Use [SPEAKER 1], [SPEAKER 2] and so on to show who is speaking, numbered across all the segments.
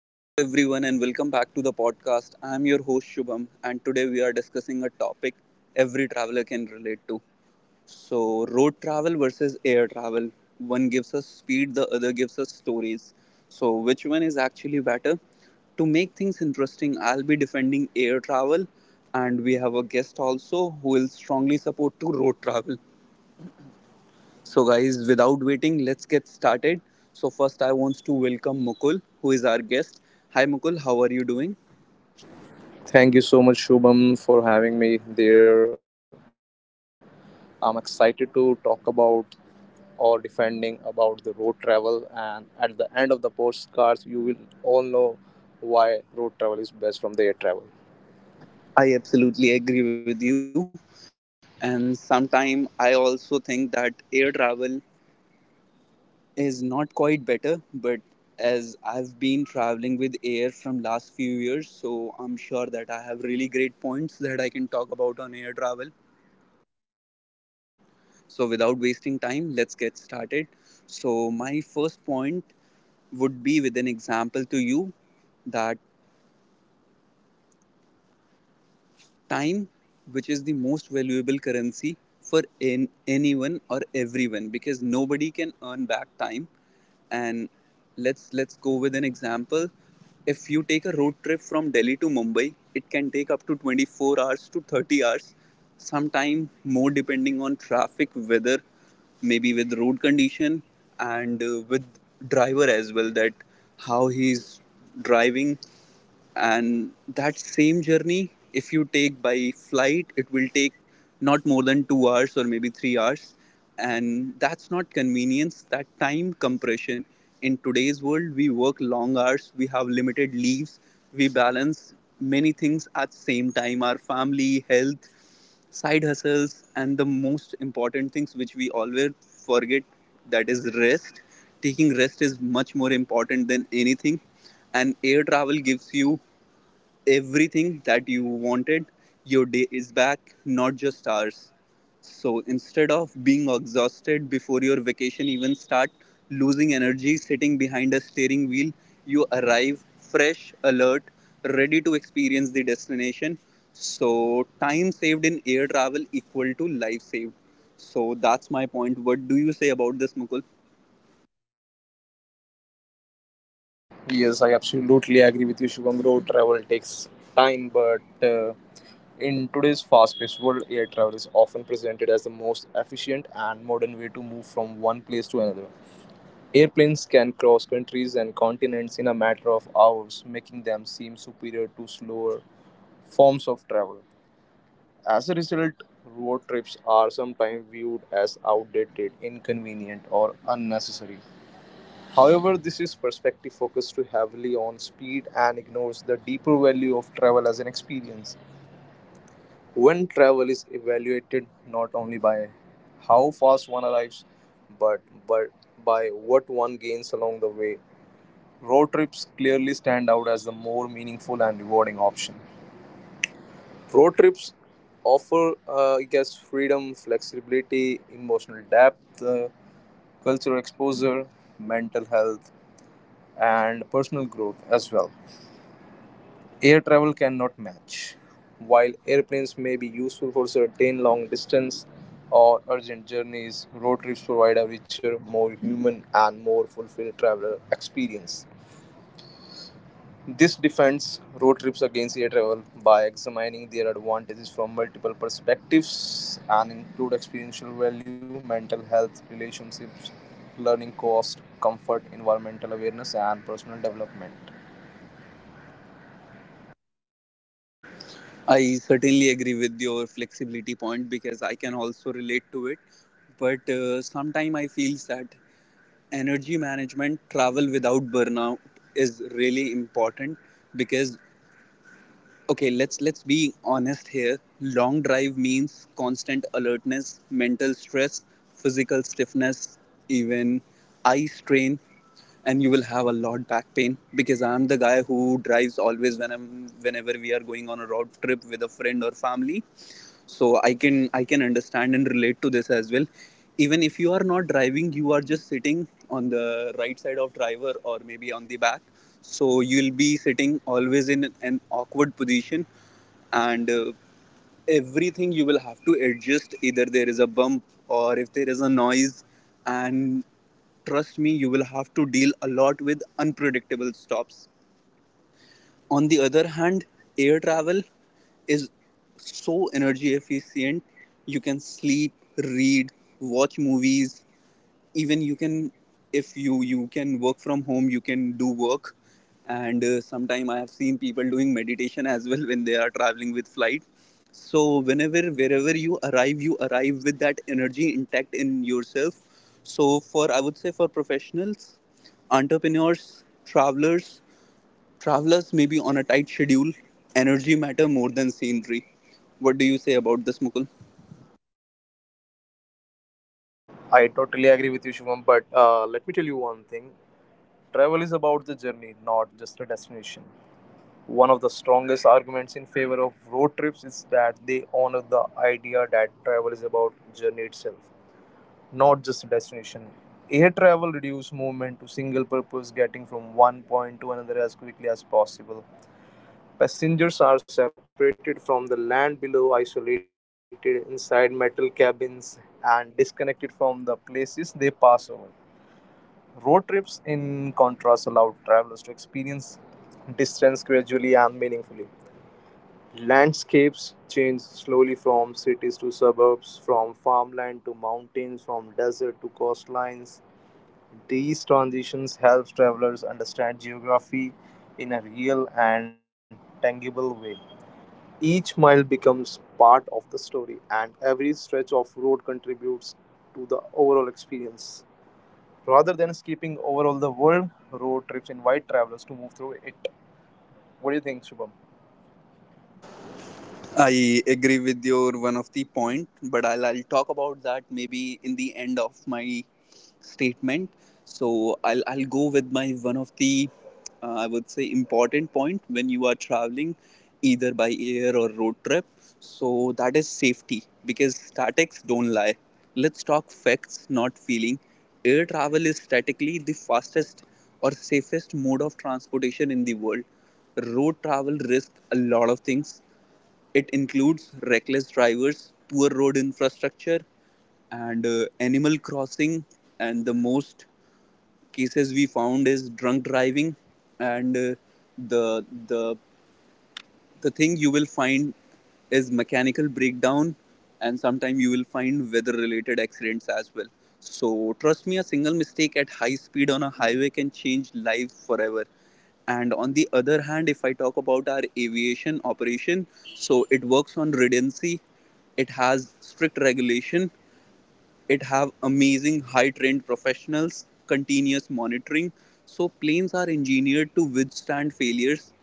[SPEAKER 1] Hello to everyone and welcome back to the podcast. I am your host Shubham, and today we are discussing a topic every traveler can relate to. So, road travel versus air travel. One gives us speed, the other gives us stories. So, which one is actually better? To make things interesting, I'll be defending air travel, and we have a guest also who will strongly support to road travel. So, guys, without waiting, let's get started. So, first, I want to welcome Mukul, who is our guest. Hi, Mukul, how are you doing?
[SPEAKER 2] Thank you so much, Shubham, for having me there. I'm excited to talk about or defending about the road travel, and at the end of the postcards, you will all know why road travel is best from the air travel.
[SPEAKER 1] I absolutely agree with you. And sometime I also think that air travel is not quite better, but as I've been traveling with air from last few years, so I'm sure that I have really great points that I can talk about on air travel. So, without wasting time, let's get started. So, my first point would be with an example to you that time, which is the most valuable currency for in anyone or everyone, because nobody can earn back time. And let's go with an example. If you take a road trip from Delhi to Mumbai, it can take up to 24 hours to 30 hours, sometime more, depending on traffic, weather, maybe with road condition, and with driver as well, that how he's driving. And that same journey, if you take by flight, it will take not more than 2 hours or maybe 3 hours. And that's not convenience, that time compression. In today's world, we work long hours, we have limited leaves, we balance many things at same time: our family, health, side hustles, and the most important things which we always forget, that is rest. Taking rest is much more important than anything, and air travel gives you everything that you wanted. Your day is back, not just hours. So instead of being exhausted before your vacation even start, losing energy sitting behind a steering wheel, you arrive fresh, alert, ready to experience the destination. So time saved in air travel equal to life saved. So that's my point. What do you say about this, Mukul?
[SPEAKER 2] Yes, I absolutely agree with you, Shubham. Road travel takes time, but uh, in today's fast paced world, air travel is often presented as the most efficient and modern way to move from one place to another. Airplanes can cross countries and continents in a matter of hours, making them seem superior to slower forms of travel. As a result, road trips are sometimes viewed as outdated, inconvenient, or unnecessary. However, this is perspective focused too heavily on speed and ignores the deeper value of travel as an experience. When travel is evaluated not only by how fast one arrives, but, but by what one gains along the way, road trips clearly stand out as the more meaningful and rewarding option. Road trips offer, I guess, freedom, flexibility, emotional depth, cultural exposure, mental health, and personal growth as well. Air travel cannot match. While airplanes may be useful for certain long distance or urgent journeys, road trips provide a richer, more human, and more fulfilled traveler experience. This defends road trips against air travel by examining their advantages from multiple perspectives and include experiential value, mental health, relationships, learning cost, comfort, environmental awareness, and personal development.
[SPEAKER 1] I certainly agree with your flexibility point because I can also relate to it. But sometimes I feel that energy management, travel without burnout, is really important. Because okay, let's be honest here, long drive means constant alertness, mental stress, physical stiffness, even eye strain, and you will have a lot back pain, because I'm the guy who drives always when I'm whenever we are going on a road trip with a friend or family. So I can understand and relate to this as well. Even if you are not driving, you are just sitting on the right side of driver or maybe on the back, so you'll be sitting always in an awkward position. And everything you will have to adjust, either there is a bump or if there is a noise. And trust me, you will have to deal a lot with unpredictable stops. On the other hand, air travel is so energy efficient. You can sleep, read, watch movies. Even you can, if you can work from home, you can do work. And sometime I have seen people doing meditation as well when they are traveling with flight. So whenever, wherever you arrive, you arrive with that energy intact in yourself. So for, I would say, for professionals, entrepreneurs, travelers maybe on a tight schedule, energy matter more than scenery. What do you say about this, Mukul?
[SPEAKER 2] I totally agree with you, Shivam, but let me tell you one thing travel is about the journey, not just a destination. One of the strongest arguments in favor of road trips is that they honor the idea that travel is about journey itself, not just a destination. Air travel reduces movement to single purpose, getting from one point to another as quickly as possible. Passengers are separated from the land below, isolated inside metal cabins, and disconnected from the places they pass over. Road trips, in contrast, allow travelers to experience distance gradually and meaningfully. Landscapes change slowly from cities to suburbs, from farmland to mountains, from desert to coastlines. These transitions help travelers understand geography in a real and tangible way. Each mile becomes part of the story, and every stretch of road contributes to the overall experience. Rather than skipping overall the world, road trips invite travelers to move through it. What do you think, Shubham?
[SPEAKER 1] I agree with your one of the point, but I'll talk about that maybe in the end of my statement. So I'll go with my one of the I would say important point when you are traveling, either by air or road trip. So that is safety, because statics don't lie. Let's talk facts, not feeling. Air travel is statically the fastest or safest mode of transportation in the world. Road travel risk a lot of things. It includes reckless drivers, poor road infrastructure, and animal crossing. And the most cases we found is drunk driving, and the the the thing you will find is mechanical breakdown. And sometimes you will find weather related accidents as well. So trust me, a single mistake at high speed on a highway can change life forever. And on the other hand, if I talk about our aviation operation, so it works on redundancy, it has strict regulation, it have amazing high trained professionals, continuous monitoring. So planes are engineered to withstand failures,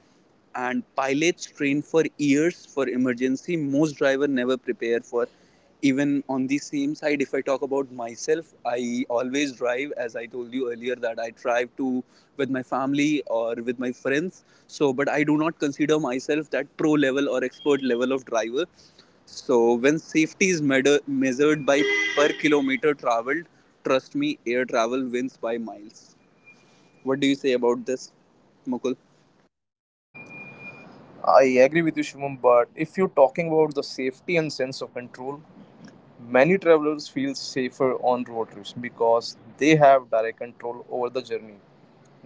[SPEAKER 1] and pilots train for years for emergency most driver never prepare for. Even on the same side, if I talk about myself, I always drive, as I told you earlier, that I drive to with my family or with my friends. So but I do not consider myself that pro level or expert level of driver. So when safety is measured by per kilometer traveled, trust me, air travel wins by miles. What do you say about this, Mukul?
[SPEAKER 2] I agree with you, Shubham, but if you're talking about the safety and sense of control, many travelers feel safer on road trips because they have direct control over the journey.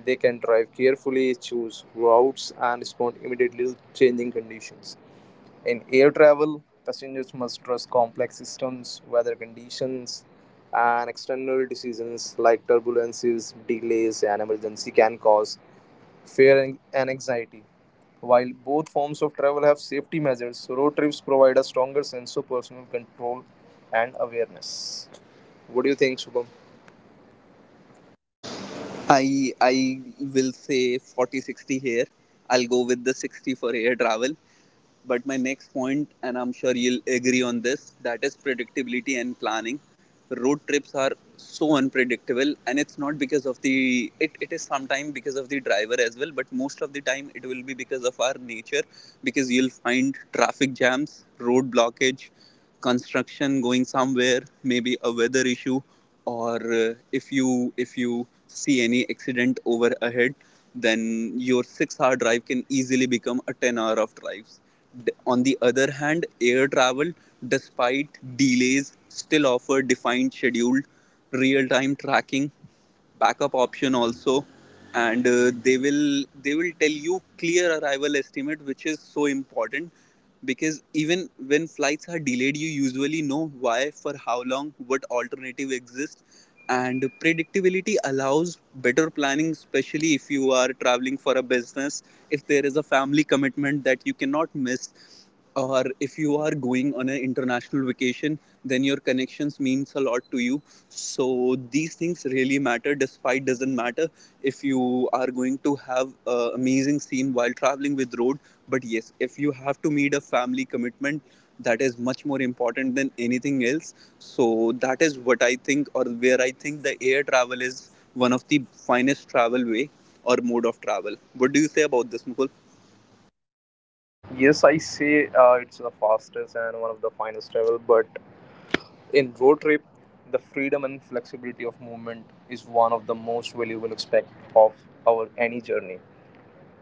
[SPEAKER 2] They can drive carefully, choose routes, and respond immediately to changing conditions. In air travel, passengers must trust complex systems, weather conditions, and external decisions like turbulences, delays, and emergency can cause fear and anxiety. While both forms of travel have safety measures, road trips provide a stronger sense of personal control and awareness. What do you think, Shubham?
[SPEAKER 1] I will say 40 60 here. I'll go with the 60 for air travel. But my next point, and I'm sure you'll agree on this, that is predictability and planning. Road trips are so unpredictable, and it's not because of it is sometimes because of the driver as well, but most of the time it will be because of our nature. Because you'll find traffic jams, road blockage, construction going somewhere, maybe a weather issue, or if you see any accident over ahead, then your 6-hour drive can easily become a 10 hour of drives. On the other hand, air travel, despite delays, still offer defined scheduled, real time tracking, backup option also. And they will tell you clear arrival estimate, which is so important, because even when flights are delayed, you usually know why, for how long, what alternative exists. And predictability allows better planning, especially if you are traveling for a business, if there is a family commitment that you cannot miss, or if you are going on an international vacation, then your connections means a lot to you. So these things really matter. Despite doesn't matter if you are going to have an amazing scene while traveling with road, but yes, if you have to meet a family commitment, that is much more important than anything else. So that is what I think, or where I think the air travel is one of the finest travel way or mode of travel. What do you say about this, Mukul?
[SPEAKER 2] Yes, I say it's the fastest and one of the finest travel, but in road trip, the freedom and flexibility of movement is one of the most valuable aspect of our any journey.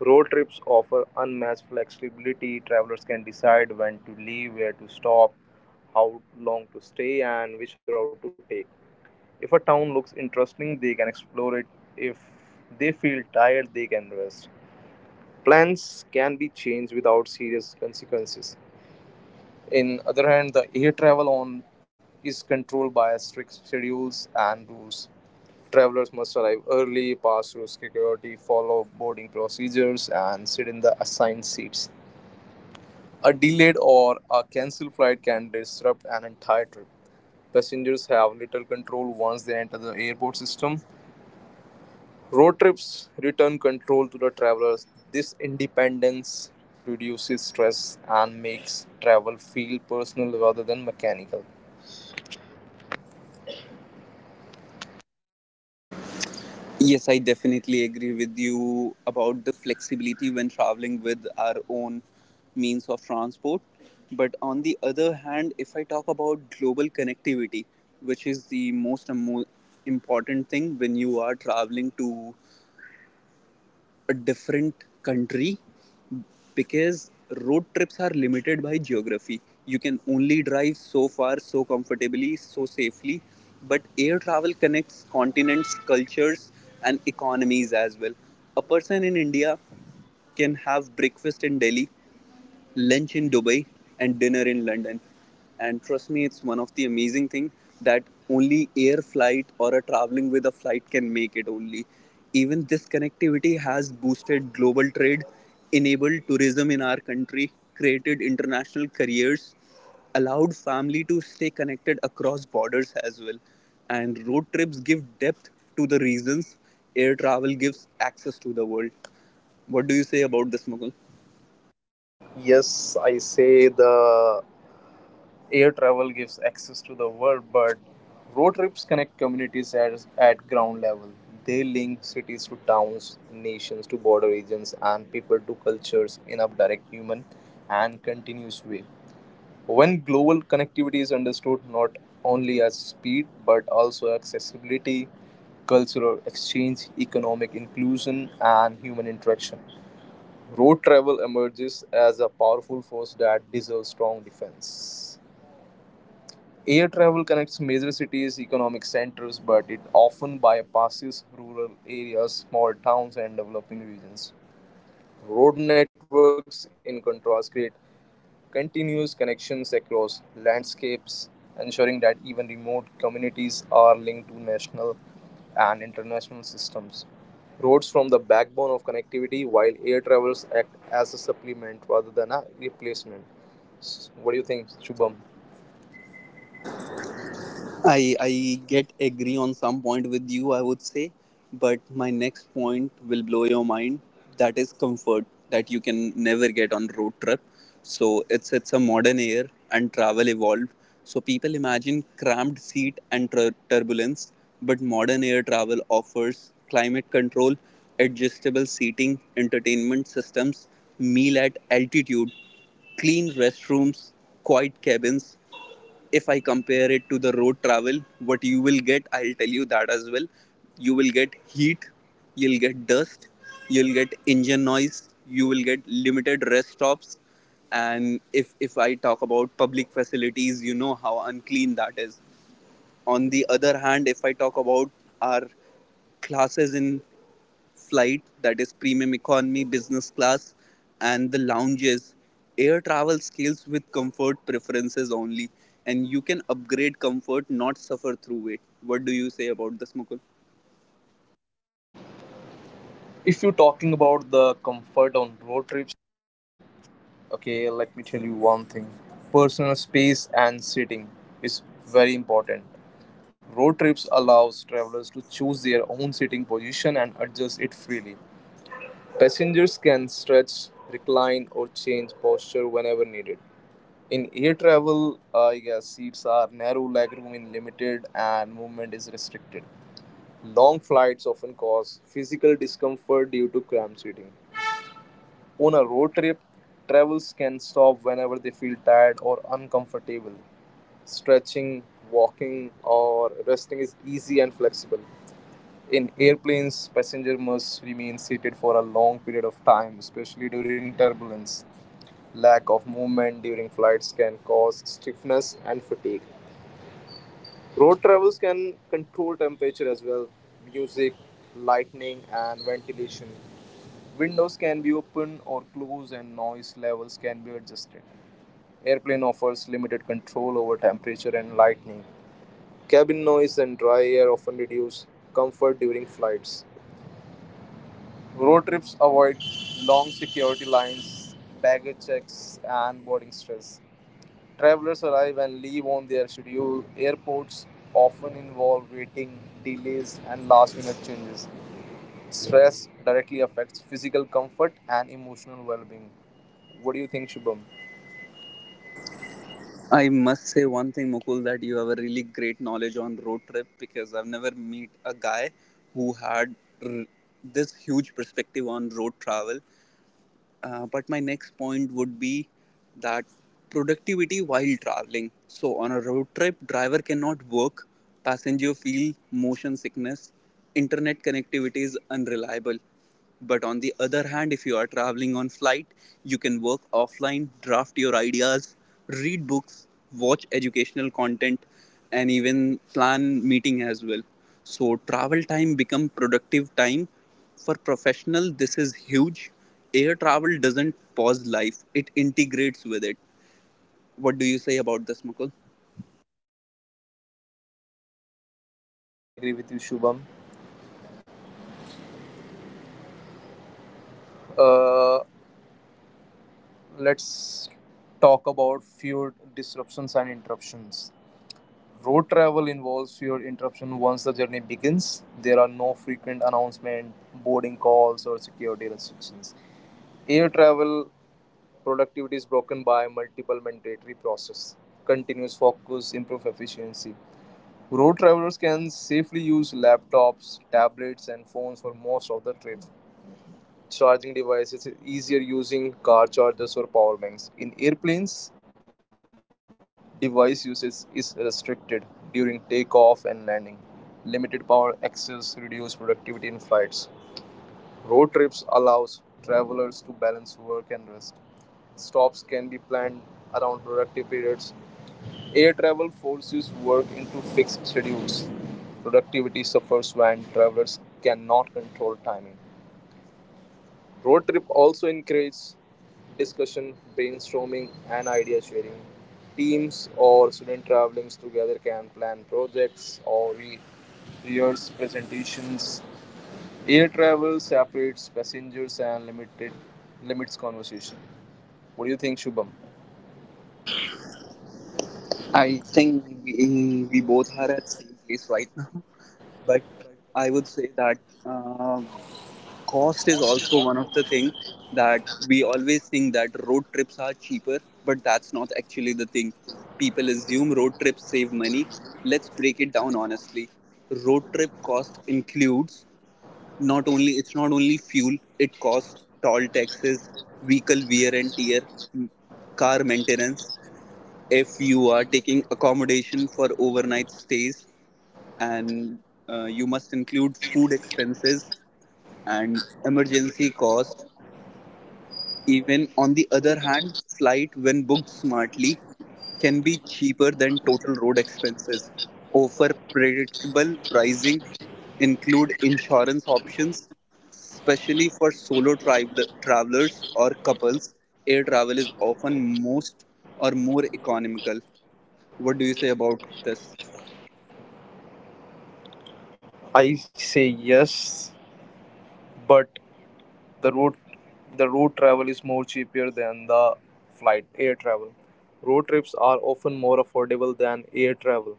[SPEAKER 2] Road trips offer unmatched flexibility. Travelers can decide when to leave, where to stop, how long to stay, and which route to take. If a town looks interesting, they can explore it. If they feel tired, they can rest. Plans can be changed without serious consequences. In other hand, the air travel on is controlled by strict schedules and rules. Travelers must arrive early, pass through security, follow boarding procedures, and sit in the assigned seats. A delayed or a cancelled flight can disrupt an entire trip. Passengers have little control once they enter the airport system. Road trips return control to the travelers. This independence reduces stress and makes travel feel personal rather than mechanical.
[SPEAKER 1] Yes, I definitely agree with you about the flexibility when traveling with our own means of transport. But on the other hand, if I talk about global connectivity, which is the most important thing when you are traveling to a different country, because road trips are limited by geography. You can only drive so far, so comfortably, so safely. But air travel connects continents, cultures, and economies as well. A person in India can have breakfast in Delhi, lunch in Dubai, and dinner in London. And trust me, it's one of the amazing thing that only air flight or a traveling with a flight can make it only. Even this connectivity has boosted global trade, enabled tourism in our country, created international careers, allowed family to stay connected across borders as well. And road trips give depth to the reasons air travel gives access to the world. What do you say about this, Mukul?
[SPEAKER 2] Yes, I say the air travel gives access to the world, but road trips connect communities at ground level. They link cities to towns, nations to border regions, and people to cultures in a direct, human, and continuous way. When global connectivity is understood not only as speed but also accessibility, cultural exchange, economic inclusion, and human interaction, road travel emerges as a powerful force that deserves strong defense. Air travel connects major cities, economic centers, but it often bypasses rural areas, small towns, and developing regions. Road networks, in contrast, create continuous connections across landscapes, ensuring that even remote communities are linked to national and international systems. Roads form the backbone of connectivity, while air travels act as a supplement rather than a replacement. What do you think, Shubham?
[SPEAKER 1] I get agree on some point with you, I would say, but my next point will blow your mind. That is comfort that you can never get on road trip. So it's a modern air and travel evolved. So people imagine cramped seat and turbulence, but modern air travel offers climate control, adjustable seating, entertainment systems, meal at altitude, clean restrooms, quiet cabins. If I compare it to the road travel, what you will get, I'll tell you that as well. You will get heat, you'll get dust, you'll get engine noise, you will get limited rest stops. And if I talk about public facilities, you know how unclean that is. On the other hand, if I talk about our classes in flight, that is premium economy, business class, and the lounges. Air travel scales with comfort preferences only, and you can upgrade comfort, not suffer through it. What do you say about this, Mukul?
[SPEAKER 2] If you're talking about the comfort on road trips, okay, let me tell you one thing personal space and sitting is very important. Road trips allows travelers to choose their own sitting position and adjust it freely. Passengers can stretch, recline, or change posture whenever needed. In air travel, I guess seats are narrow, legroom is limited, and movement is restricted. Long flights often cause physical discomfort due to cramped seating. On a road trip, travelers can stop whenever they feel tired or uncomfortable. Stretching, walking, or resting is easy and flexible. In airplanes, passenger must remain seated for a long period of time, especially during turbulence. Lack of movement during flights can cause stiffness and fatigue. Road travels can control temperature as well, music, lightning, and ventilation. Windows can be open or closed, and noise levels can be adjusted. Airplane offers limited control over temperature and lightning. Cabin noise and dry air often reduce comfort during flights. Road trips avoid long security lines, baggage checks, and boarding stress. Travelers arrive and leave on their schedule. Airports often involve waiting, delays, and last minute changes. Stress directly affects physical comfort and emotional well being. What do you think, Shubham?
[SPEAKER 1] I must say one thing, Mukul, that you have a really great knowledge on road trip, because I've never met a guy who had r- this huge perspective on road travel. But my next point would be that productivity while traveling. So on a road trip, driver cannot work, passenger feel motion sickness, internet connectivity is unreliable. But on the other hand, if you are traveling on flight, you can work offline, draft your ideas, read books, watch educational content, and even plan meeting as well. So travel time become productive time for professional, this is huge. Air travel doesn't pause life, it integrates with it. What do you say about this, Mukul?
[SPEAKER 2] I agree with you, Shubham. Uh, let's talk about few disruptions and interruptions. Road travel involves fewer interruptions once the journey begins. There are no frequent announcements, boarding calls, or security restrictions. Air travel productivity is broken by multiple mandatory processes, continuous focus, improve efficiency. Road travelers can safely use laptops, tablets, and phones for most of the trip. Charging devices is easier using car chargers or power banks. In airplanes, device usage is restricted during takeoff and landing. Limited power access reduces productivity in flights. Road trips allows travelers to balance work and rest. Stops can be planned around productive periods. Air travel forces work into fixed schedules. Productivity suffers when travelers cannot control timing. Road trip also encourages discussion, brainstorming, and idea sharing. Teams or student travelings together can plan projects or rehearse presentations. Air travel separates passengers and limited limits conversation. What do you think, Shubham?
[SPEAKER 1] I think we both are at same place right now, but I would say that um cost is also one of the thing that we always think that road trips are cheaper, but that's not actually the thing. People assume road trips save money. Let's break it down honestly. Road trip cost includes not only fuel, it costs toll taxes, vehicle wear and tear, m- car maintenance, if you are taking accommodation for overnight stays, and you must include food expenses and emergency cost. Even on the other hand, flight when booked smartly can be cheaper than total road expenses, offer predictable pricing, include insurance options. Especially for travelers or couples, air travel is often most or more economical. What do you say about this?
[SPEAKER 2] I say yes, but The road the road travel is more cheaper than the flight air travel. Road trips are often more affordable than air travel,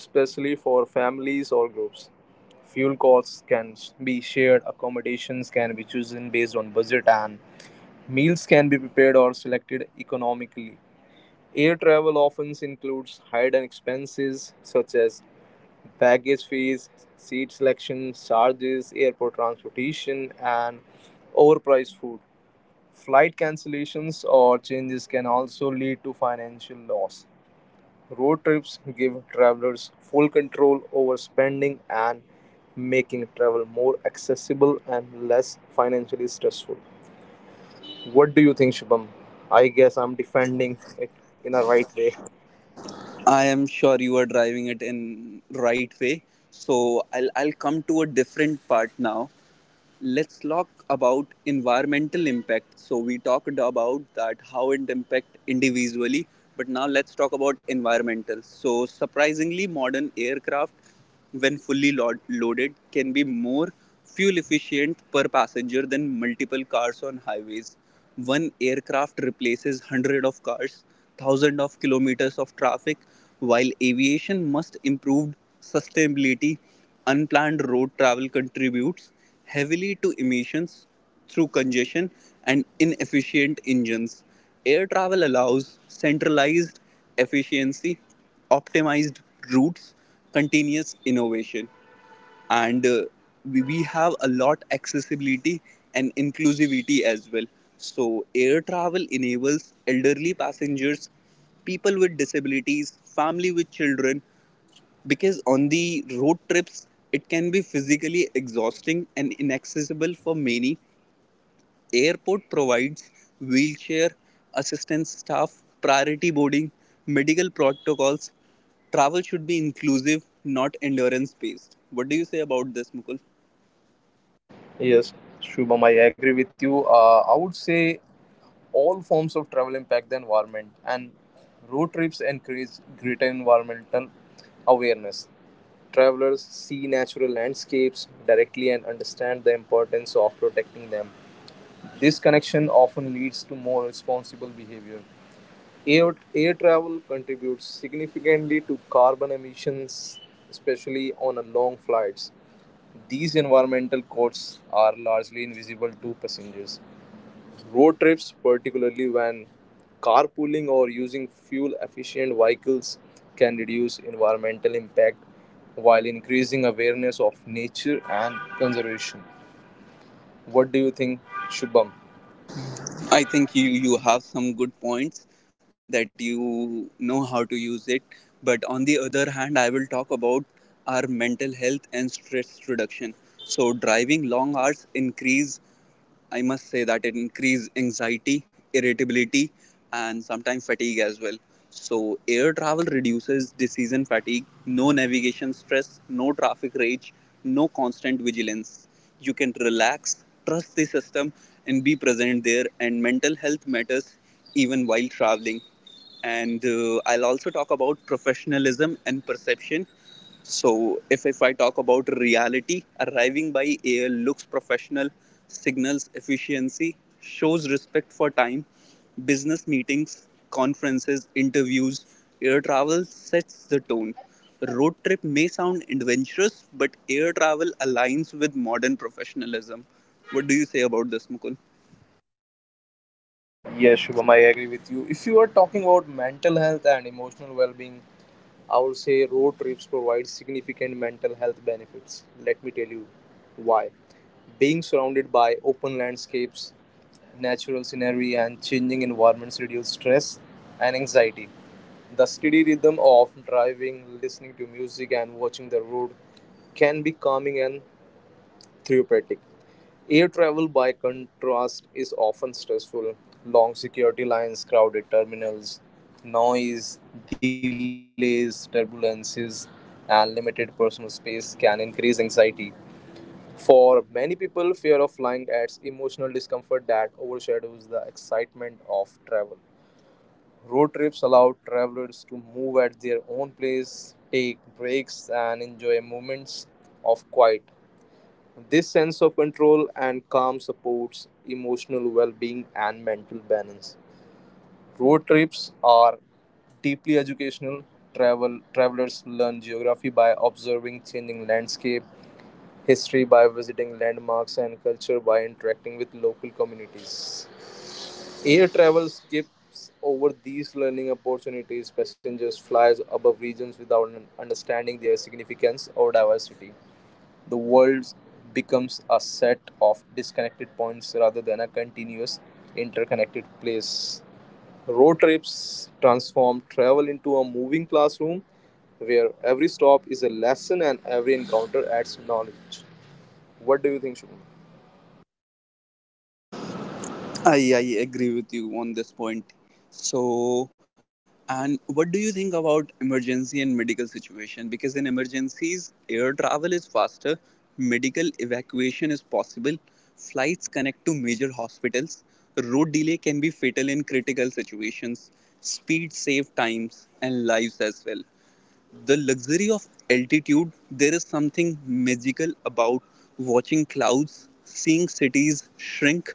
[SPEAKER 2] especially for families or groups. Fuel costs can be shared, accommodations can be chosen based on budget, and meals can be prepared or selected economically. Air travel often includes hidden expenses such as baggage fees, seat selection charges, airport transportation, and overpriced food. Flight cancellations or changes can also lead to financial loss. Road trips give travelers full control over spending and making travel more accessible and less financially stressful. What do you think, Shubham? I guess I'm defending it in a right way.
[SPEAKER 1] I am sure you are driving it in right way. So I'll come to a different part now. Let's talk about environmental impact. So we talked about that how it impacts individually, but now let's talk about environmental. So surprisingly, modern aircraft when fully loaded can be more fuel efficient per passenger than multiple cars on highways. One aircraft replaces hundred of cars, thousand of kilometers of traffic. While aviation must improve sustainability, unplanned road travel contributes heavily to emissions through congestion and inefficient engines. Air travel allows centralized efficiency, optimized routes, continuous innovation, and we have a lot accessibility and inclusivity as well. So air travel enables elderly passengers, people with disabilities, family with children, because on the road trips it can be physically exhausting and inaccessible for many. Airport provides wheelchair assistance, staff priority boarding, medical protocols. Travel should be inclusive, not endurance based. What do you say about this, Mukul?
[SPEAKER 2] Yes, Shubham, I agree with you. I would say all forms of travel impact the environment, and road trips encourage greater environmental awareness. Travelers see natural landscapes directly and understand the importance of protecting them. This connection often leads to more responsible behavior. Air travel contributes significantly to carbon emissions, especially on a long flights. These environmental costs are largely invisible to passengers. Road trips, particularly when carpooling or using fuel efficient vehicles, can reduce environmental impact while increasing awareness of nature and conservation. What do you think, Shubham?
[SPEAKER 1] I think you have some good points that you know how to use it. But on the other hand, I will talk about our mental health and stress reduction. So driving long hours increase. I must say that it increase anxiety, irritability, and sometimes fatigue as well. So, air travel reduces decision fatigue, no navigation stress, no traffic rage, no constant vigilance. You can relax, trust the system, and be present there. And mental health matters even while traveling. And I'll also talk about professionalism and perception. So, if I talk about reality, arriving by air looks professional, signals efficiency, shows respect for time, business meetings, conferences, interviews, air travel sets the tone. Road trip may sound adventurous, but air travel aligns with modern professionalism. What do you say about this, Mukul?
[SPEAKER 2] Yes, Shubham, I agree with you. If you are talking about mental health and emotional well being, I would say road trips provide significant mental health benefits. Let me tell you why. Being surrounded by open landscapes, natural scenery and changing environments reduce stress and anxiety. The steady rhythm of driving, listening to music, and watching the road can be calming and therapeutic. Air travel, by contrast, is often stressful. Long security lines, crowded terminals, noise, delays, turbulences, and limited personal space can increase anxiety. For many people, fear of flying adds emotional discomfort that overshadows the excitement of travel. Road trips allow travelers to move at their own pace, take breaks, and enjoy moments of quiet. This sense of control and calm supports emotional well being and mental balance. Road trips are deeply educational. Travel travelers learn geography by observing changing landscape, history by visiting landmarks and culture by interacting with local communities. Air travel skips over these learning opportunities. Passengers fly above regions without understanding their significance or diversity. The world becomes a set of disconnected points rather than a continuous interconnected place. Road trips transform travel into a moving classroom where every stop is a lesson and every encounter adds knowledge. What do you think, Shubham?
[SPEAKER 1] I agree with you on this point. So, and what do you think about emergency and medical situation? Because in emergencies, air travel is faster, medical evacuation is possible, flights connect to major hospitals, road delay can be fatal in critical situations, speed save times and lives as well. The luxury of altitude, there is something magical about watching clouds, seeing cities shrink,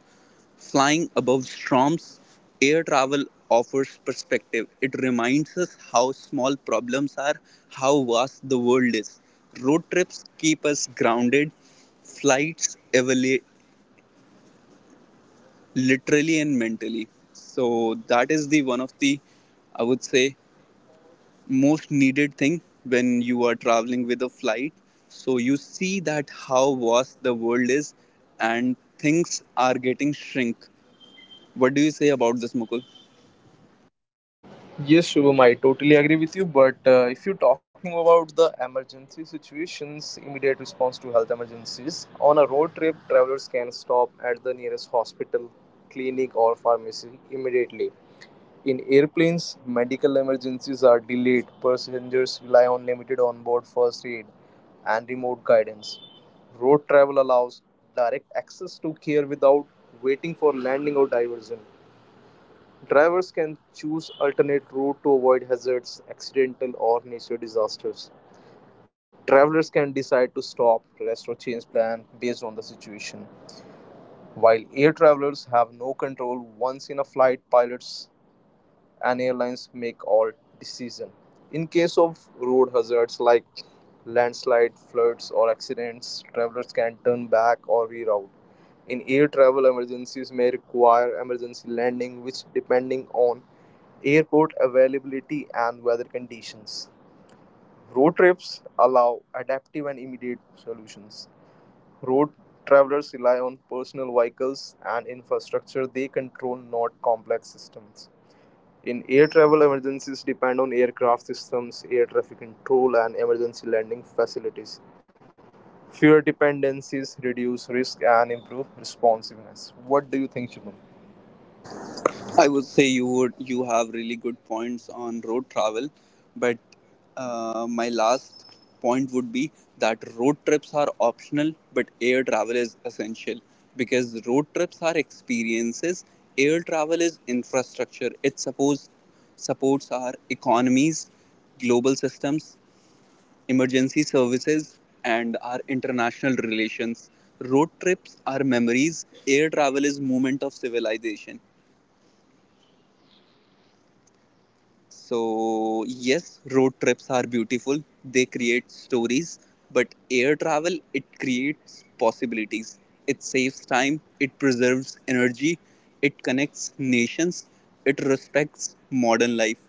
[SPEAKER 1] flying above storms. Air travel offers perspective. It reminds us how small problems are, how vast the world is. Road trips keep us grounded, flights evaluate literally and mentally. So, that is the one of the, I would say, most needed thing when you are traveling with a flight. So you see that how vast the world is and things are getting shrink. What do you say about this, Mukul?
[SPEAKER 2] Yes, Shubham, I totally agree with you. But if you're talking about the emergency situations, immediate response to health emergencies, on a road trip, travelers can stop at the nearest hospital, clinic, or pharmacy immediately. In airplanes, medical emergencies are delayed. Passengers rely on limited onboard first aid and remote guidance. Road travel allows direct access to care without waiting for landing or diversion. Drivers can choose alternate route to avoid hazards, accidental or natural disasters. Travelers can decide to stop, rest or change plan based on the situation. While air travelers have no control once in a flight, pilots and airlines make all decision. In case of road hazards like landslide, floods or accidents, travelers can turn back or reroute. In air travel, emergencies may require emergency landing, which depending on airport availability and weather conditions. Road trips allow adaptive and immediate solutions. Road travelers rely on personal vehicles and infrastructure they control, not complex systems. In air travel, emergencies depend on aircraft systems, air traffic control, and emergency landing facilities. Fewer dependencies reduce risk and improve responsiveness. What do you think, Shubham?
[SPEAKER 1] I would say you have really good points on road travel, but my last point would be that road trips are optional, but air travel is essential, because road trips are experiences. Air travel is infrastructure. It supports our economies, global systems, emergency services, and our international relations. Road trips are memories. Air travel is movement of civilization. So, yes, road trips are beautiful. They create stories, but air travel, it creates possibilities. It saves time, it preserves energy, it connects nations, it respects modern life.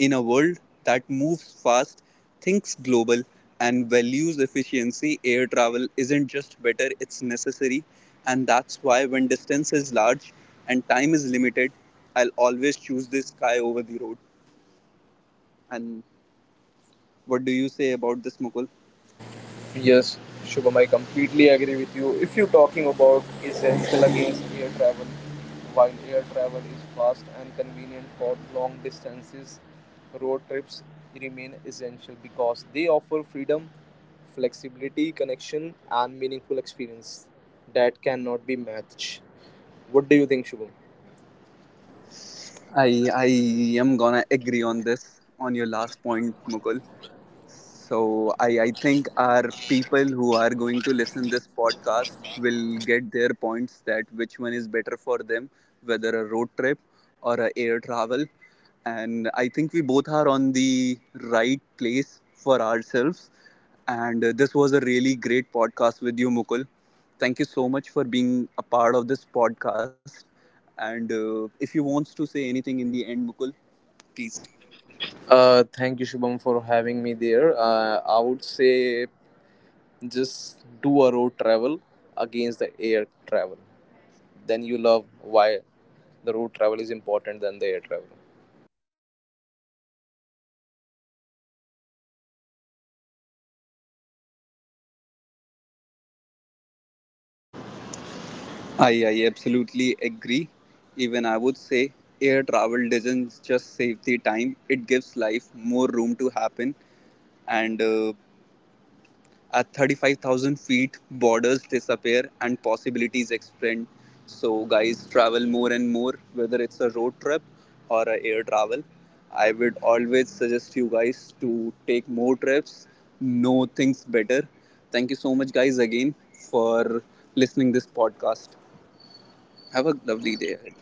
[SPEAKER 1] In a world that moves fast, thinks global, and values efficiency, air travel isn't just better, it's necessary. And that's why, when distance is large and time is limited, I'll always choose the sky over the road. And what do you say about this, Mukul?
[SPEAKER 2] Yes, Shubham, I completely agree with you. If you're talking about essential against air travel, while air travel is fast and convenient for long distances, road trips remain essential because they offer freedom, flexibility, connection, and meaningful experience that cannot be matched. What do you think, Shubham?
[SPEAKER 1] I am gonna agree on this on your last point, Mukul. So I think our people who are going to listen this podcast will get their points that which one is better for them, whether a road trip or a air travel. And I think we both are on the right place for ourselves. And this was a really great podcast with you, Mukul. Thank you so much for being a part of this podcast. And if you want to say anything in the end, Mukul, please.
[SPEAKER 2] Thank you, Shubham, for having me there. I would say just do a road travel against the air travel, then you love why the road travel is important than the air travel.
[SPEAKER 1] I absolutely agree. Even I would say air travel doesn't just save the time, it gives life more room to happen. And at 35,000 feet, borders disappear and possibilities expand. So, guys, travel more and more, whether it's a road trip or a air travel. I would always suggest you guys to take more trips, know things better. Thank you so much, guys, again for listening this podcast. Have a lovely day ahead.